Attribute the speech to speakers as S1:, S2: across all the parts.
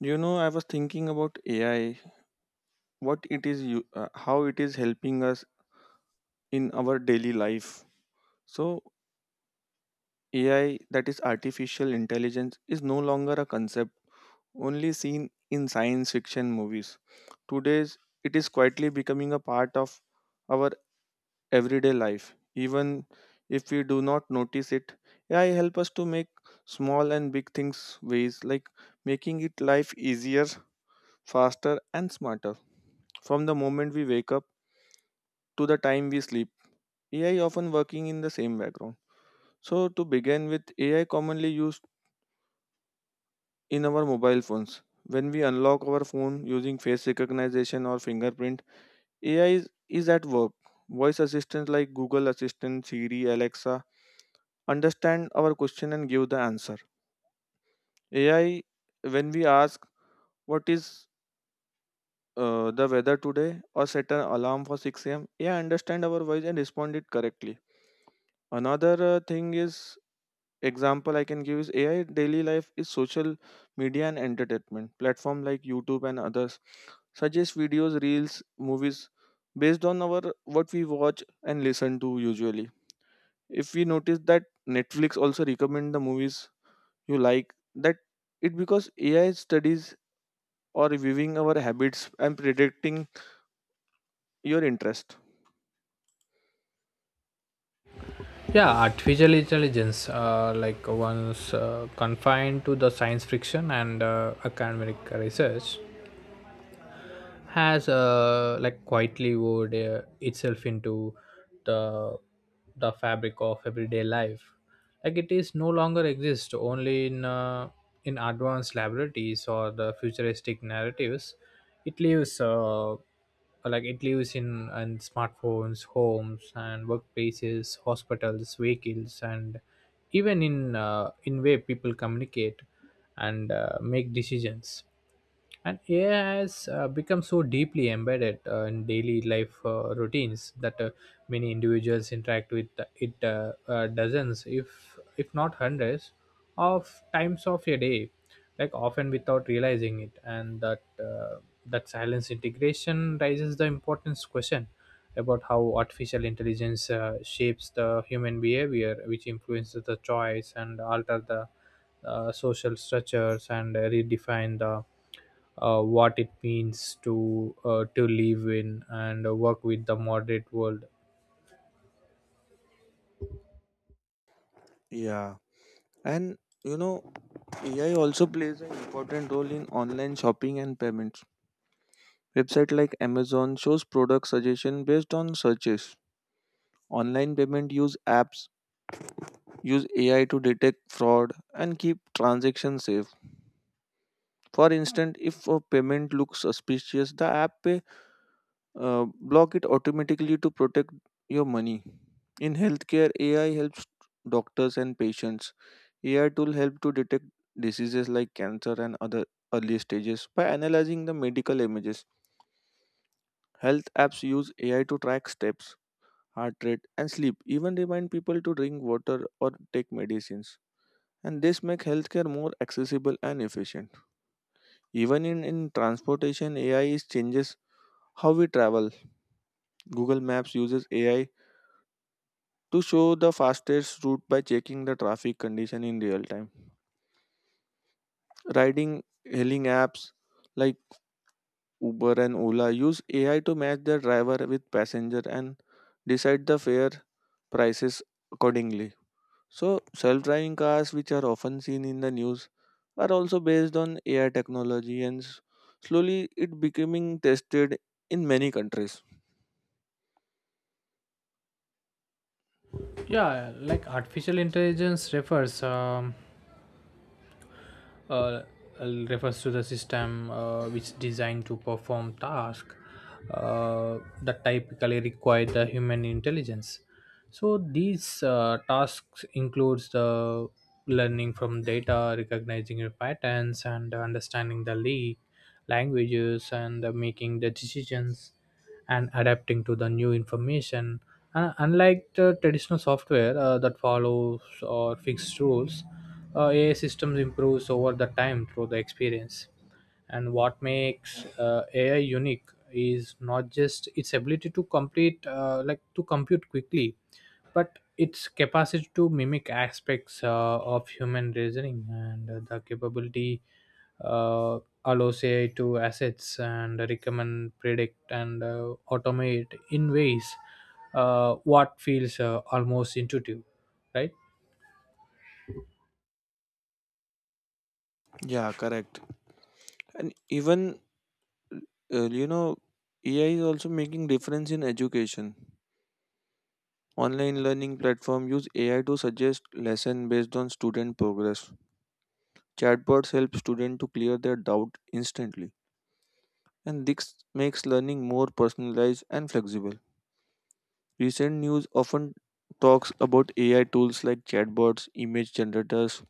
S1: You know, I was thinking about AI, what it is, how it is helping us in our daily life. So, AI, that is artificial intelligence, is no longer a concept only seen in science fiction movies. Today, it is quietly becoming a part of our everyday life. Even if we do not notice it, AI help us to make small and big things ways like making it life easier, faster, and smarter. From the moment we wake up to the time we sleep, AI often working in the same background. So to begin with, AI commonly used in our mobile phones. When we unlock our phone using face recognition or fingerprint, AI is at work. Voice assistants like Google Assistant, Siri, Alexa understand our question and give the answer. AI, when we ask what is the weather today or set an alarm for 6 a.m., AI understand our voice and respond it correctly. Another thing is, example I can give is AI daily life is social media and entertainment platform like YouTube and others suggest videos, reels, movies based on our what we watch and listen to usually. If we notice that, Netflix also recommend the movies you like, that it because AI studies or reviewing our habits and predicting your interest.
S2: Yeah, artificial intelligence, like once confined to the science fiction and academic research, has like quietly woven itself into the the fabric of everyday life. Like it is no longer exist only in in advanced laboratories or the futuristic narratives. It lives uh, like it lives in smartphones, homes and workplaces, hospitals, vehicles and even in in way people communicate and make decisions. And AI has become so deeply embedded in daily life routines, that many individuals interact with it dozens, if not hundreds, of times of a day, like often without realizing it. And that silence integration raises the importance question: about how artificial intelligence shapes the human behavior, which influences the choice and alter the social structures and redefine the what it means to to live in and work with the moderate world.
S1: Yeah. And you know, AI also plays an important role in online shopping and payments. Website like Amazon shows product suggestion based on searches. Online payment use apps use AI to detect fraud and keep transactions safe. For instance, if a payment looks suspicious, the app may block it automatically to protect your money. In healthcare, AI helps doctors and patients. AI tool help to detect diseases like cancer and other early stages by analyzing the medical images. Health apps use AI to track steps, heart rate, and sleep. Even remind people to drink water or take medicines. And this make healthcare more accessible and efficient. Even in transportation, AI is changes how we travel. Google Maps uses AI to show the fastest route by checking the traffic condition in real time. Riding hailing apps like Uber and Ola use AI to match the driver with passenger and decide the fare prices accordingly. So, self driving cars, which are often seen in the news, are also based on AI technology, and slowly it becoming tested in many countries.
S2: Yeah, like artificial intelligence refers. Uh, Refers to the system which is designed to perform tasks that typically require the human intelligence. So these tasks includes the learning from data, recognizing your patterns, and understanding the languages, and making the decisions and adapting to the new information. Unlike the traditional software that follows or fixed rules, AI systems improves over the time through the experience. And what makes AI unique is not just its ability to complete, like to compute quickly, but its capacity to mimic aspects of human reasoning. And the capability uh, allows AI to assets and recommend, predict, and automate in ways what feels almost intuitive, right?
S1: Yeah, correct. And even, you know, AI is also making difference in education. Online learning platform use AI to suggest lesson based on student progress. Chatbots help student to clear their doubt instantly. And this makes learning more personalized and flexible. Recent news often talks about AI tools like chatbots, image generators,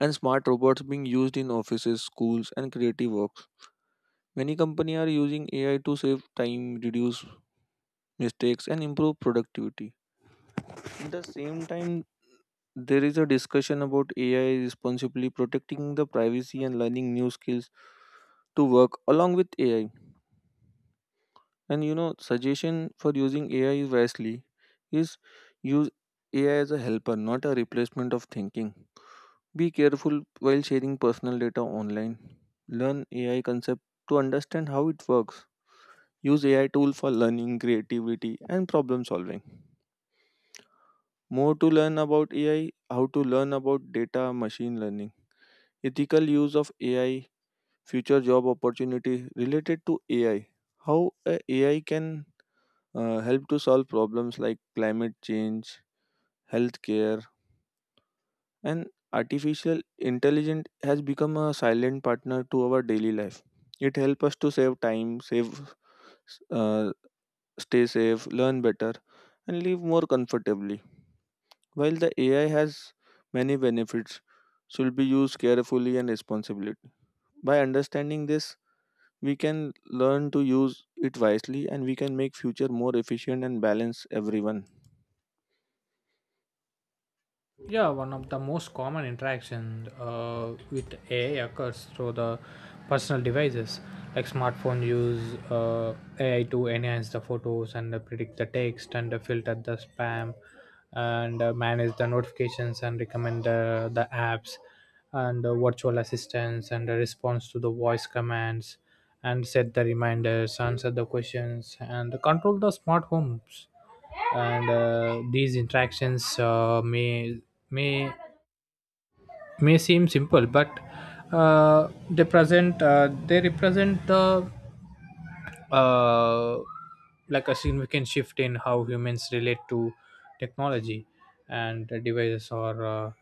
S1: and smart robots being used in offices, schools, and creative works. Many companies are using AI to save time, reduce mistakes, and improve productivity. At the same time, there is a discussion about AI responsibly protecting the privacy and learning new skills to work along with AI. And you know, suggestion for using AI wisely is use AI as a helper, not a replacement of thinking. Be careful while sharing personal data online. Learn AI concept to understand how it works. Use AI tool for learning, creativity and problem solving. More to learn about AI, how to learn about data machine learning. Ethical use of AI, future job opportunity related to AI. How a AI can help to solve problems like climate change, healthcare, and artificial intelligence has become a silent partner to our daily life. It helps us to save time, save uh, stay safe, learn better, and live more comfortably. While the AI has many benefits, should be used carefully and responsibly. By understanding this, we can learn to use it wisely, and we can make future more efficient and balance everyone.
S2: Yeah, one of the most common interactions with AI occurs through the personal devices. Like smartphone use AI to enhance the photos and predict the text and filter the spam and manage the notifications and recommend the apps, and virtual assistants and a response to the voice commands and set the reminders, answer the questions and control the smart homes. And these interactions may may seem simple, but they represent the uh, like a significant shift in how humans relate to technology. And the devices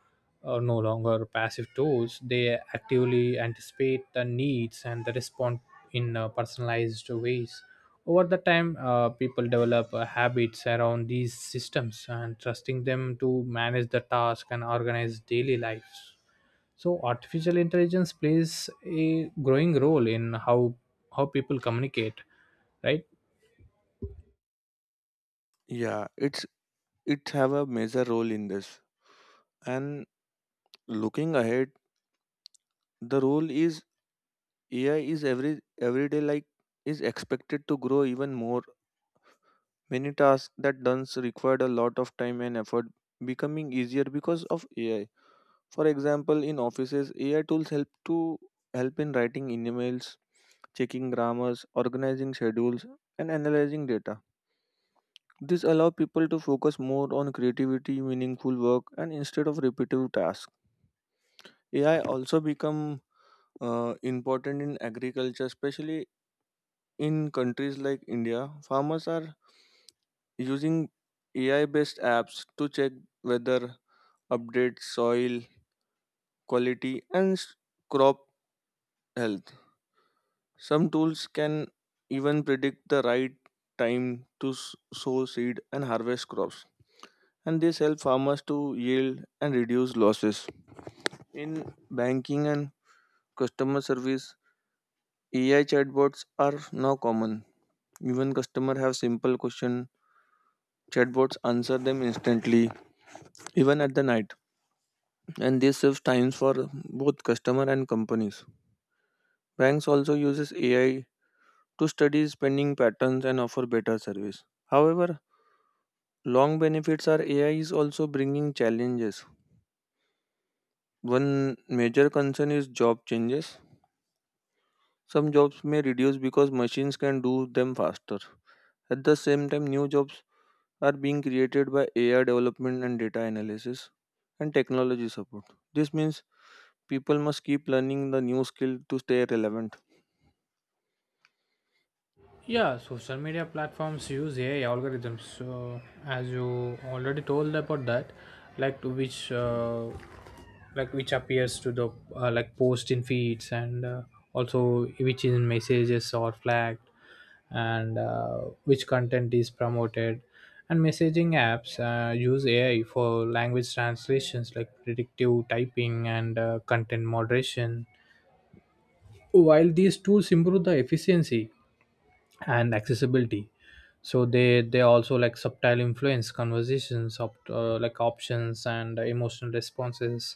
S2: are no longer passive tools. They actively anticipate the needs and they respond in personalized ways. Over the time people develop habits around these systems and trusting them to manage the task and organize daily lives. So artificial intelligence plays a growing role in how people communicate, right?
S1: Yeah, it have a major role in this. And looking ahead, the role is AI is everyday like is expected to grow even more. Many tasks that once required a lot of time and effort becoming easier because of AI. For example, in offices, AI tools help in writing emails, checking grammars, organizing schedules, and analyzing data. This allow people to focus more on creativity, meaningful work, and instead of repetitive tasks. AI also become important in agriculture, especially in countries like India. Farmers are using AI based apps to check weather, update soil quality, and crop health. Some tools can even predict the right time to sow seed and harvest crops, and this helps farmers to yield and reduce losses. In banking and customer service, AI chatbots are now common. Even customers have simple questions, chatbots answer them instantly even at the night, and this saves times for both customer and companies. Banks also uses AI to study spending patterns and offer better service. However, long benefits are AI is also bringing challenges. One major concern is job changes. Some jobs may reduce because machines can do them faster. At the same time, new jobs are being created by AI development and data analysis and technology support. This means people must keep learning the new skill to stay relevant.
S2: Yeah, social media platforms use AI algorithms. So, as you already told about that, like to which, like which appears to the like post in feeds, and also which in messages or flagged, and which content is promoted. And messaging apps use AI for language translations, like predictive typing and content moderation. While these tools improve the efficiency and accessibility, so they also like subtle influence conversations of like options and emotional responses.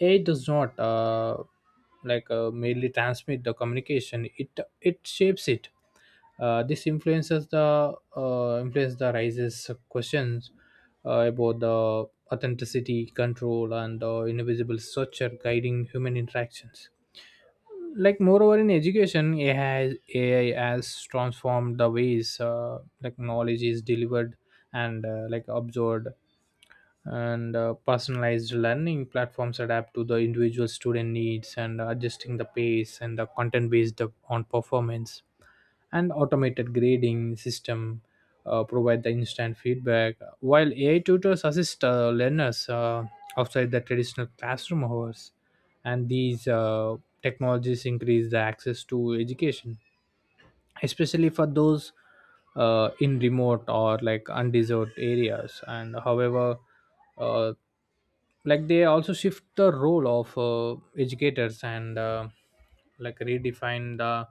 S2: AI does not merely transmit the communication, it shapes it. This influences the influence the raises questions about the authenticity, control and the invisible structure guiding human interactions. Like moreover in education, AI has transformed the ways like knowledge is delivered and like absorbed. And personalized learning platforms adapt to the individual student needs and adjusting the pace and the content based on performance. And automated grading system provide the instant feedback, while AI tutors assist learners outside the traditional classroom hours. And these technologies increase the access to education, especially for those in remote or like undeserved areas. And however, uh, like they also shift the role of educators, and like redefine the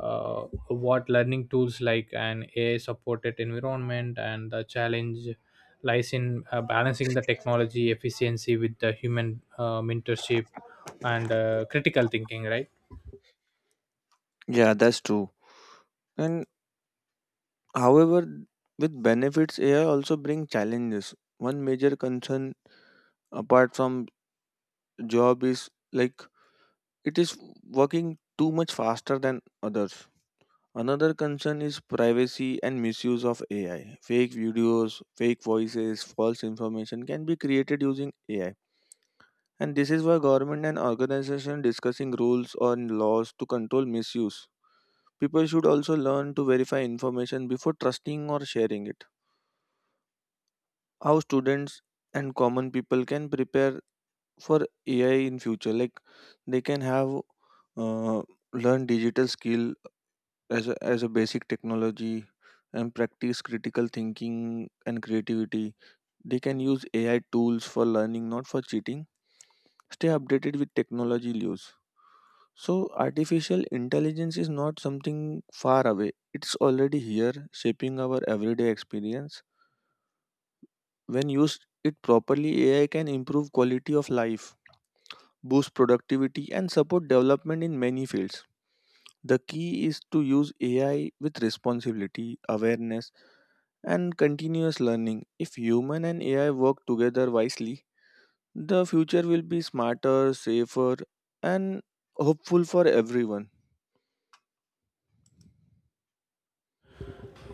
S2: uh, what learning tools like an AI supported environment. And the challenge lies in balancing the technology efficiency with the human mentorship and critical thinking, right?
S1: Yeah, that's true. And however, with benefits, AI also bring challenges. One major concern apart from job is like it is working too much faster than others. Another concern is privacy and misuse of AI. Fake videos, fake voices, false information can be created using AI. And this is why government and organization discussing rules or laws to control misuse. People should also learn to verify information before trusting or sharing it. How students and common people can prepare for AI in future, like they can have uh, learn digital skill as a basic technology, and practice critical thinking and creativity. They can use AI tools for learning, not for cheating. Stay updated with technology news. So, artificial intelligence is not something far away, it's already here, shaping our everyday experience. When used it properly, AI can improve quality of life, boost productivity, and support development in many fields. The key is to use AI with responsibility, awareness, and continuous learning. If human and AI work together wisely, the future will be smarter, safer, and hopeful for everyone.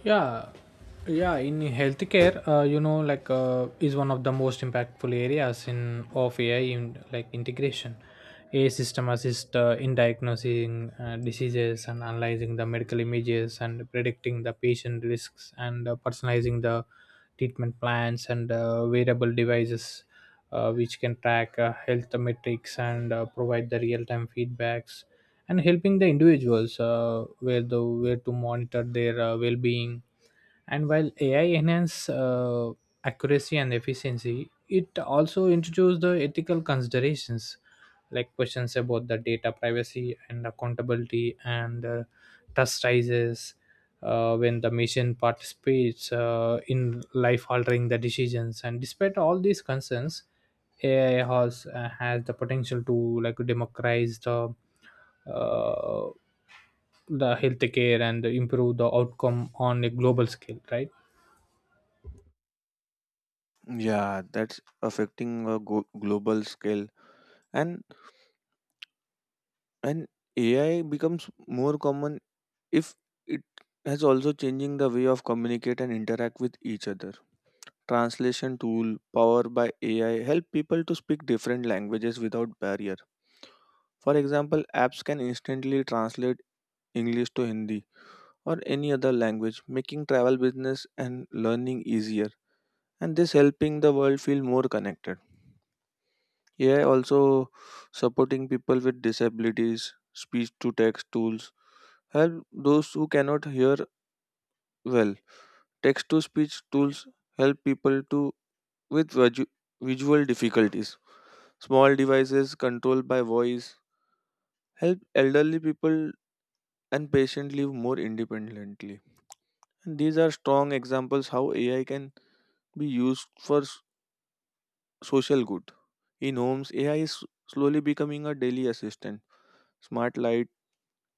S2: Yeah. Yeah, in healthcare you know like is one of the most impactful areas in of AI in like integration. A system assist in diagnosing diseases and analyzing the medical images and predicting the patient risks and personalizing the treatment plans. And wearable devices which can track health metrics and provide the real-time feedbacks and helping the individuals where to monitor their well-being. And while AI enhance accuracy and efficiency, it also introduced the ethical considerations, like questions about the data privacy and accountability. And trust rises when the machine participates in life altering the decisions. And despite all these concerns, ai has the potential to like democratize the uh, the healthcare and improve the outcome on a global scale, right?
S1: Yeah, that's affecting a global scale. And and AI becomes more common, if it has also changing the way of communicate and interact with each other. Translation tool powered by AI help people to speak different languages without barrier. For example, apps can instantly translate English to Hindi or any other language, making travel, business and learning easier, and this helping the world feel more connected. AI also supporting people with disabilities. Speech to text tools help those who cannot hear well. Text to speech tools help people to with visual difficulties. Small devices controlled by voice help elderly people and patients live more independently. And these are strong examples how AI can be used for social good. In homes, AI is slowly becoming a daily assistant. Smart light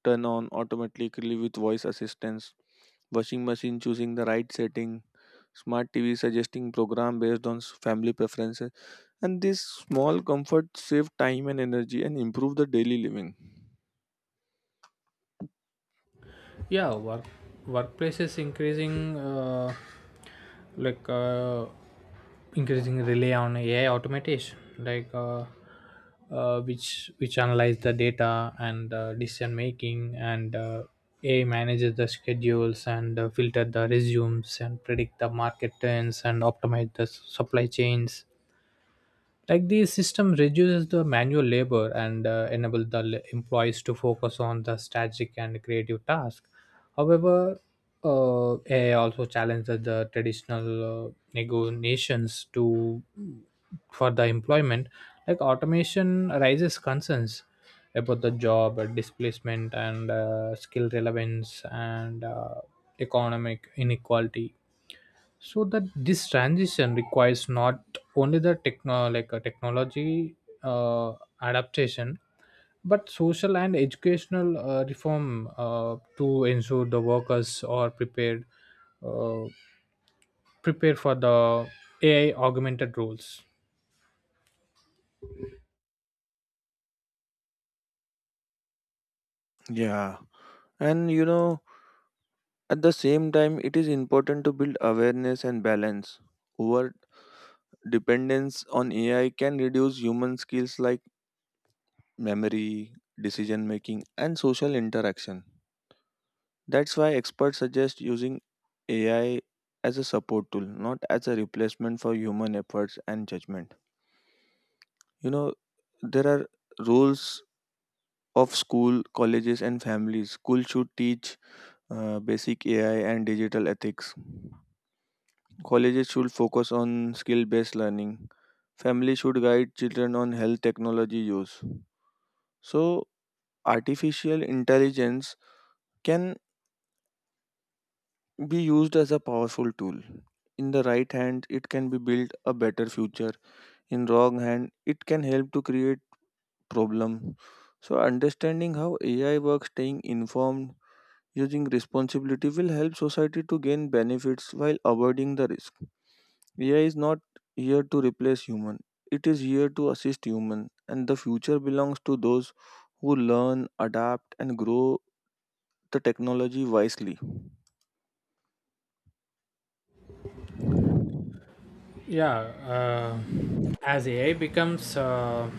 S1: turn on automatically with voice assistance. Washing machine choosing the right setting. Smart TV suggesting program based on family preferences. And these small comforts save time and energy and improve the daily living.
S2: Yeah, workplace is increasing like uh, increasing rely on AI automation, like which analyze the data and decision making. And AI manages the schedules and filter the resumes and predict the market trends and optimize the supply chains. Like the system reduces the manual labor and enable the employees to focus on the strategic and creative task. However, AI also challenges the traditional negotiations to for the employment. Like automation raises concerns about the job displacement and skill relevance and economic inequality. So that this transition requires not only the techno like a technology uh, adaptation, but social and educational reform to ensure the workers are uh, prepared for the AI augmented roles.
S1: Yeah. And you know, at the same time, it is important to build awareness and balance. Over dependence on AI can reduce human skills like memory, decision making, and social interaction. That's why experts suggest using AI as a support tool, not as a replacement for human efforts and judgment. You know, there are roles of school, colleges, and families. School should teach basic AI and digital ethics. Colleges should focus on skill based learning. Families should guide children on health technology use. So, artificial intelligence can be used as a powerful tool. In the right hand, it can be build a better future. In wrong hand, it can help to create problem. So understanding how AI works, staying informed, using responsibility will help society to gain benefits while avoiding the risk. AI is not here to replace human. It is here to assist human, and the future belongs to those who learn, adapt and grow the technology wisely.
S2: Yeah, uh, as AI becomes uh,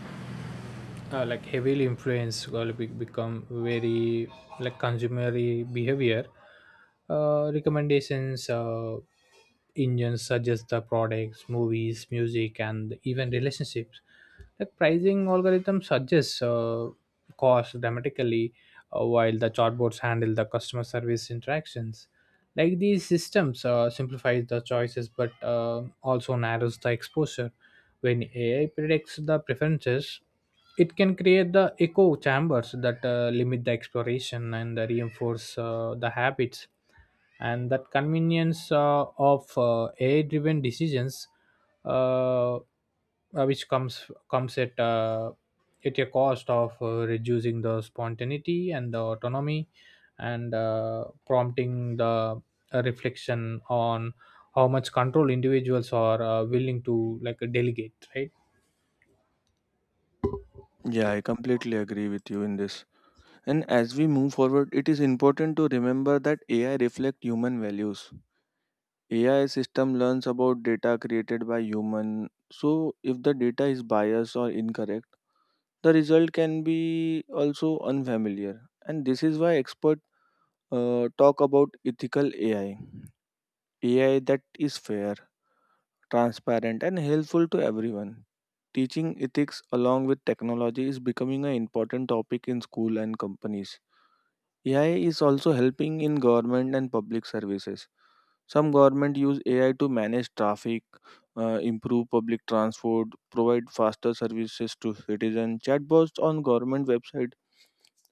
S2: uh, like heavily influence or become very like consumery behavior. Recommendations engines suggest the products, movies, music and even relationships. Like pricing algorithm suggests cost dramatically, while the chatbots handle the customer service interactions. Like these systems simplifies the choices, but also narrows the exposure. When AI predicts the preferences, it can create the echo chambers that limit the exploration and reinforce the habits. And that convenience of AI driven decisions, uh, uh, comes at a cost of reducing the spontaneity and the autonomy, and prompting the reflection on how much control individuals are willing to like delegate, right?
S1: Yeah, I completely agree with you in this. And as we move forward, it is important to remember that AI reflect human values. AI system learns about data created by human. So if the data is biased or incorrect, the result can be also unfamiliar. And this is why experts talk about ethical AI. AI that is fair, transparent and helpful to everyone. Teaching ethics along with technology is becoming an important topic in school and companies. AI is also helping in government and public services. Some government use AI to manage traffic, improve public transport, provide faster services to citizens. Chatbots on government website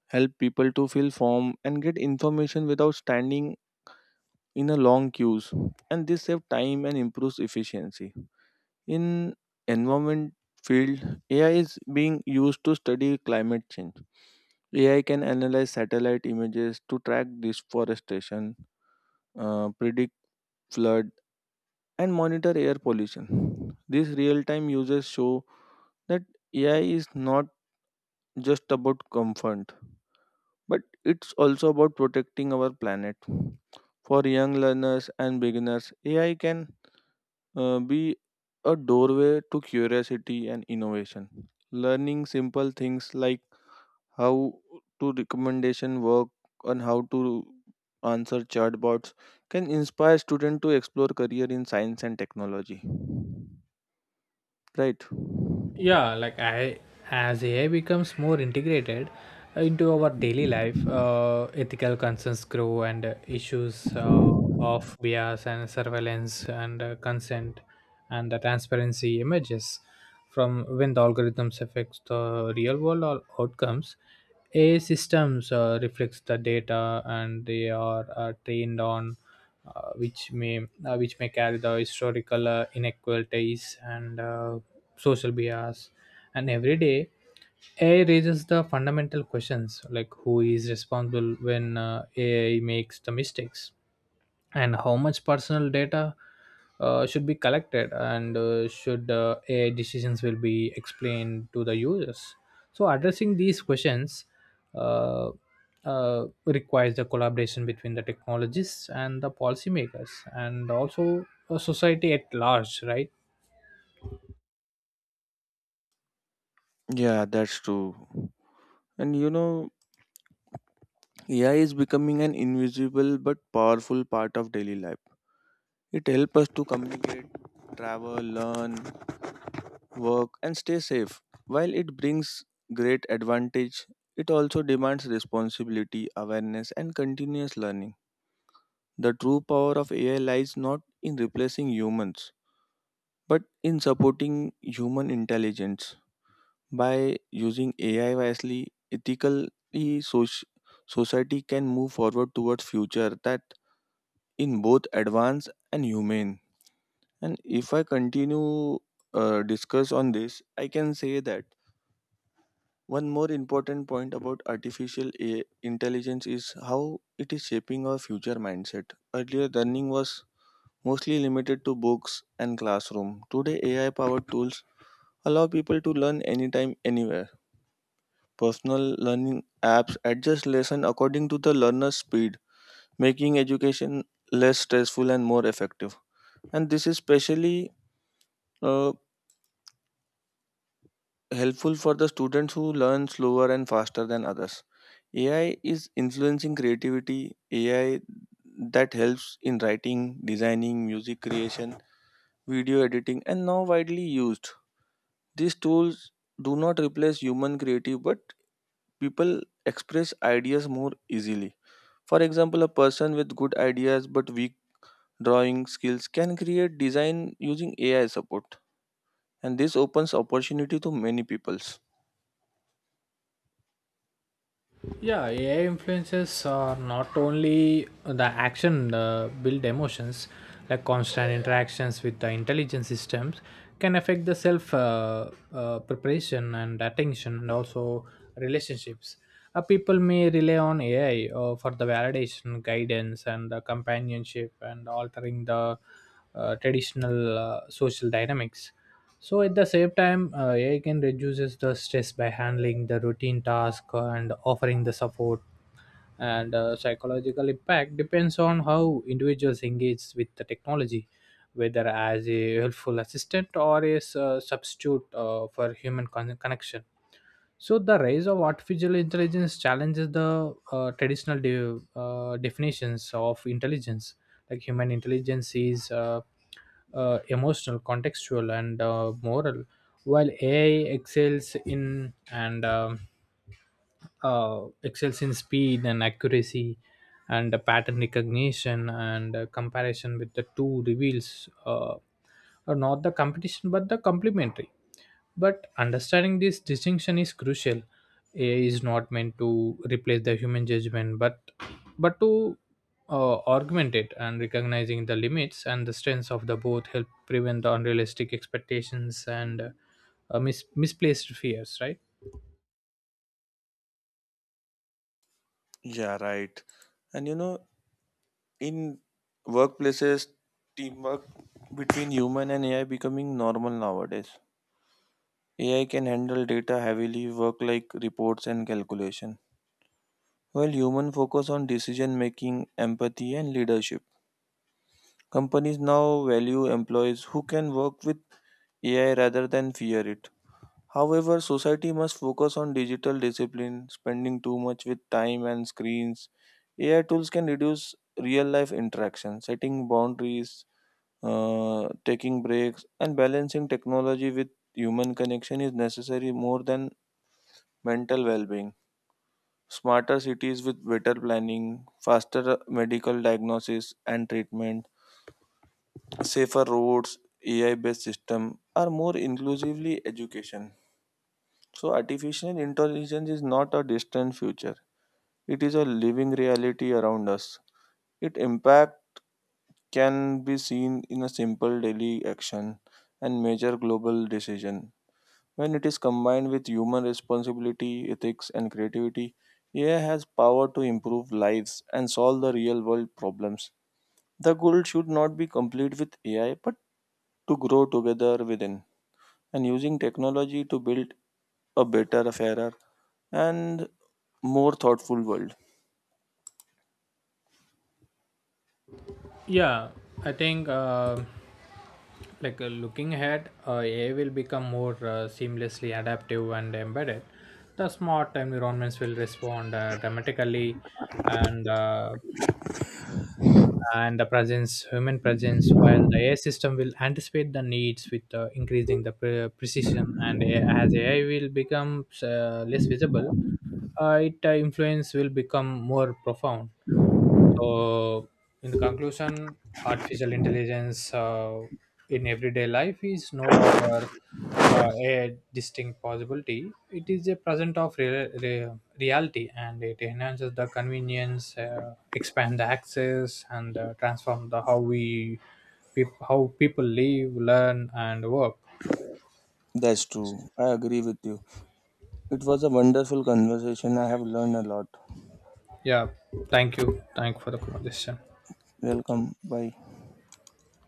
S1: help people to fill form and get information without standing in a long queues, and this save time and improves efficiency. In environment field, AI is being used to study climate change. AI can analyze satellite images to track deforestation, predict flood, and monitor air pollution. These real-time uses show that AI is not just about comfort, but it's also about protecting our planet. For young learners and beginners, AI can be a doorway to curiosity and innovation. Learning simple things like how to recommendation work and how to answer chatbots can inspire students to explore career in science and technology. Right?
S2: Yeah like i as AI becomes more integrated into our daily life, ethical concerns grow. And issues of bias and surveillance and consent and the transparency emerges from when the algorithms affects the real world or outcomes. AI systems reflects the data and they are trained on, uh, which may which may carry the historical inequalities and social bias. And every day, AI raises the fundamental questions, like who is responsible when AI makes the mistakes, and how much personal data should be collected, and should AI decisions will be explained to the users. So addressing these questions uh, requires the collaboration between the technologists and the policymakers, and also society at large, right?
S1: Yeah, that's true. And you know, AI is becoming an invisible but powerful part of daily life. It helps us to communicate, travel, learn, work, and stay safe. While it brings great advantage, it also demands responsibility, awareness, and continuous learning. The true power of AI lies not in replacing humans, but in supporting human intelligence. By using AI wisely, ethically, soci- society can move forward towards future that in both advanced and humane. And if I continue discuss on this, I can say that one more important point about artificial intelligence is how it is shaping our future mindset. Earlier, learning was mostly limited to books and classroom. Today, AI-powered tools allow people to learn anytime, anywhere. Personal learning apps adjust lesson according to the learner's speed, making education less stressful and more effective. And this is especially uh, helpful for the students who learn slower and faster than others. AI is influencing creativity. AI that helps in writing, designing, music creation, video editing, and now widely used. These tools do not replace human creative, but people express ideas more easily. For example, a person with good ideas but weak drawing skills can create design using AI support, and this opens opportunity to many peoples.
S2: Yeah, AI influences are not only the action build emotions, like constant interactions with the intelligence systems can affect the self preparation and attention and also relationships. People may rely on AI for the validation, guidance, and the companionship, and altering the traditional social dynamics. So at the same time, AI can reduces the stress by handling the routine task and offering the support. And psychological impact depends on how individuals engage with the technology, whether as a helpful assistant or as a substitute for human connection. So the rise of artificial intelligence challenges the traditional definitions of intelligence. Like human intelligence is emotional, contextual, and moral, while AI excels in and excels in speed and accuracy and pattern recognition. And comparison with the two reveals are not the competition but the complementary. But understanding this distinction is crucial. AI is not meant to replace the human judgment, but to augment it. And recognizing the limits and the strengths of the both help prevent the unrealistic expectations and misplaced fears, right?
S1: Yeah, right. And you know, in workplaces, teamwork between human and AI becoming normal nowadays. AI can handle data heavily work like reports and calculation, while human focus on decision making, empathy and leadership. Companies now value employees who can work with AI rather than fear it. However, society must focus on digital discipline, spending too much with time and screens. AI tools can reduce real life interaction, setting boundaries, taking breaks, and balancing technology with human connection is necessary more than mental well being. Smarter cities with better planning, faster medical diagnosis and treatment, safer roads, AI based system are more inclusively education. So artificial intelligence is not a distant future. It is a living reality around us. Its impact can be seen in a simple daily action and major global decision. When it is combined with human responsibility, ethics, and creativity, AI has power to improve lives and solve the real world problems. The goal should not be complete with AI, but to grow together within, and using technology to build a better, fairer, and more thoughtful world.
S2: Yeah, I think looking ahead, AI will become more seamlessly adaptive and embedded. The smart environments will respond dramatically, and human presence, while the AI system will anticipate the needs with increasing the precision. And as AI will become less visible, its influence will become more profound. So, in the conclusion, artificial intelligence in everyday life is no longer a distinct possibility. It is a present of reality, and it enhances the convenience, expand the access, and transform the how we how people live, learn, and work.
S1: That's true. I agree with you. It was a wonderful conversation. I have learned a lot.
S2: Yeah, thank you. Thank you for the conversation.
S1: Welcome. Bye.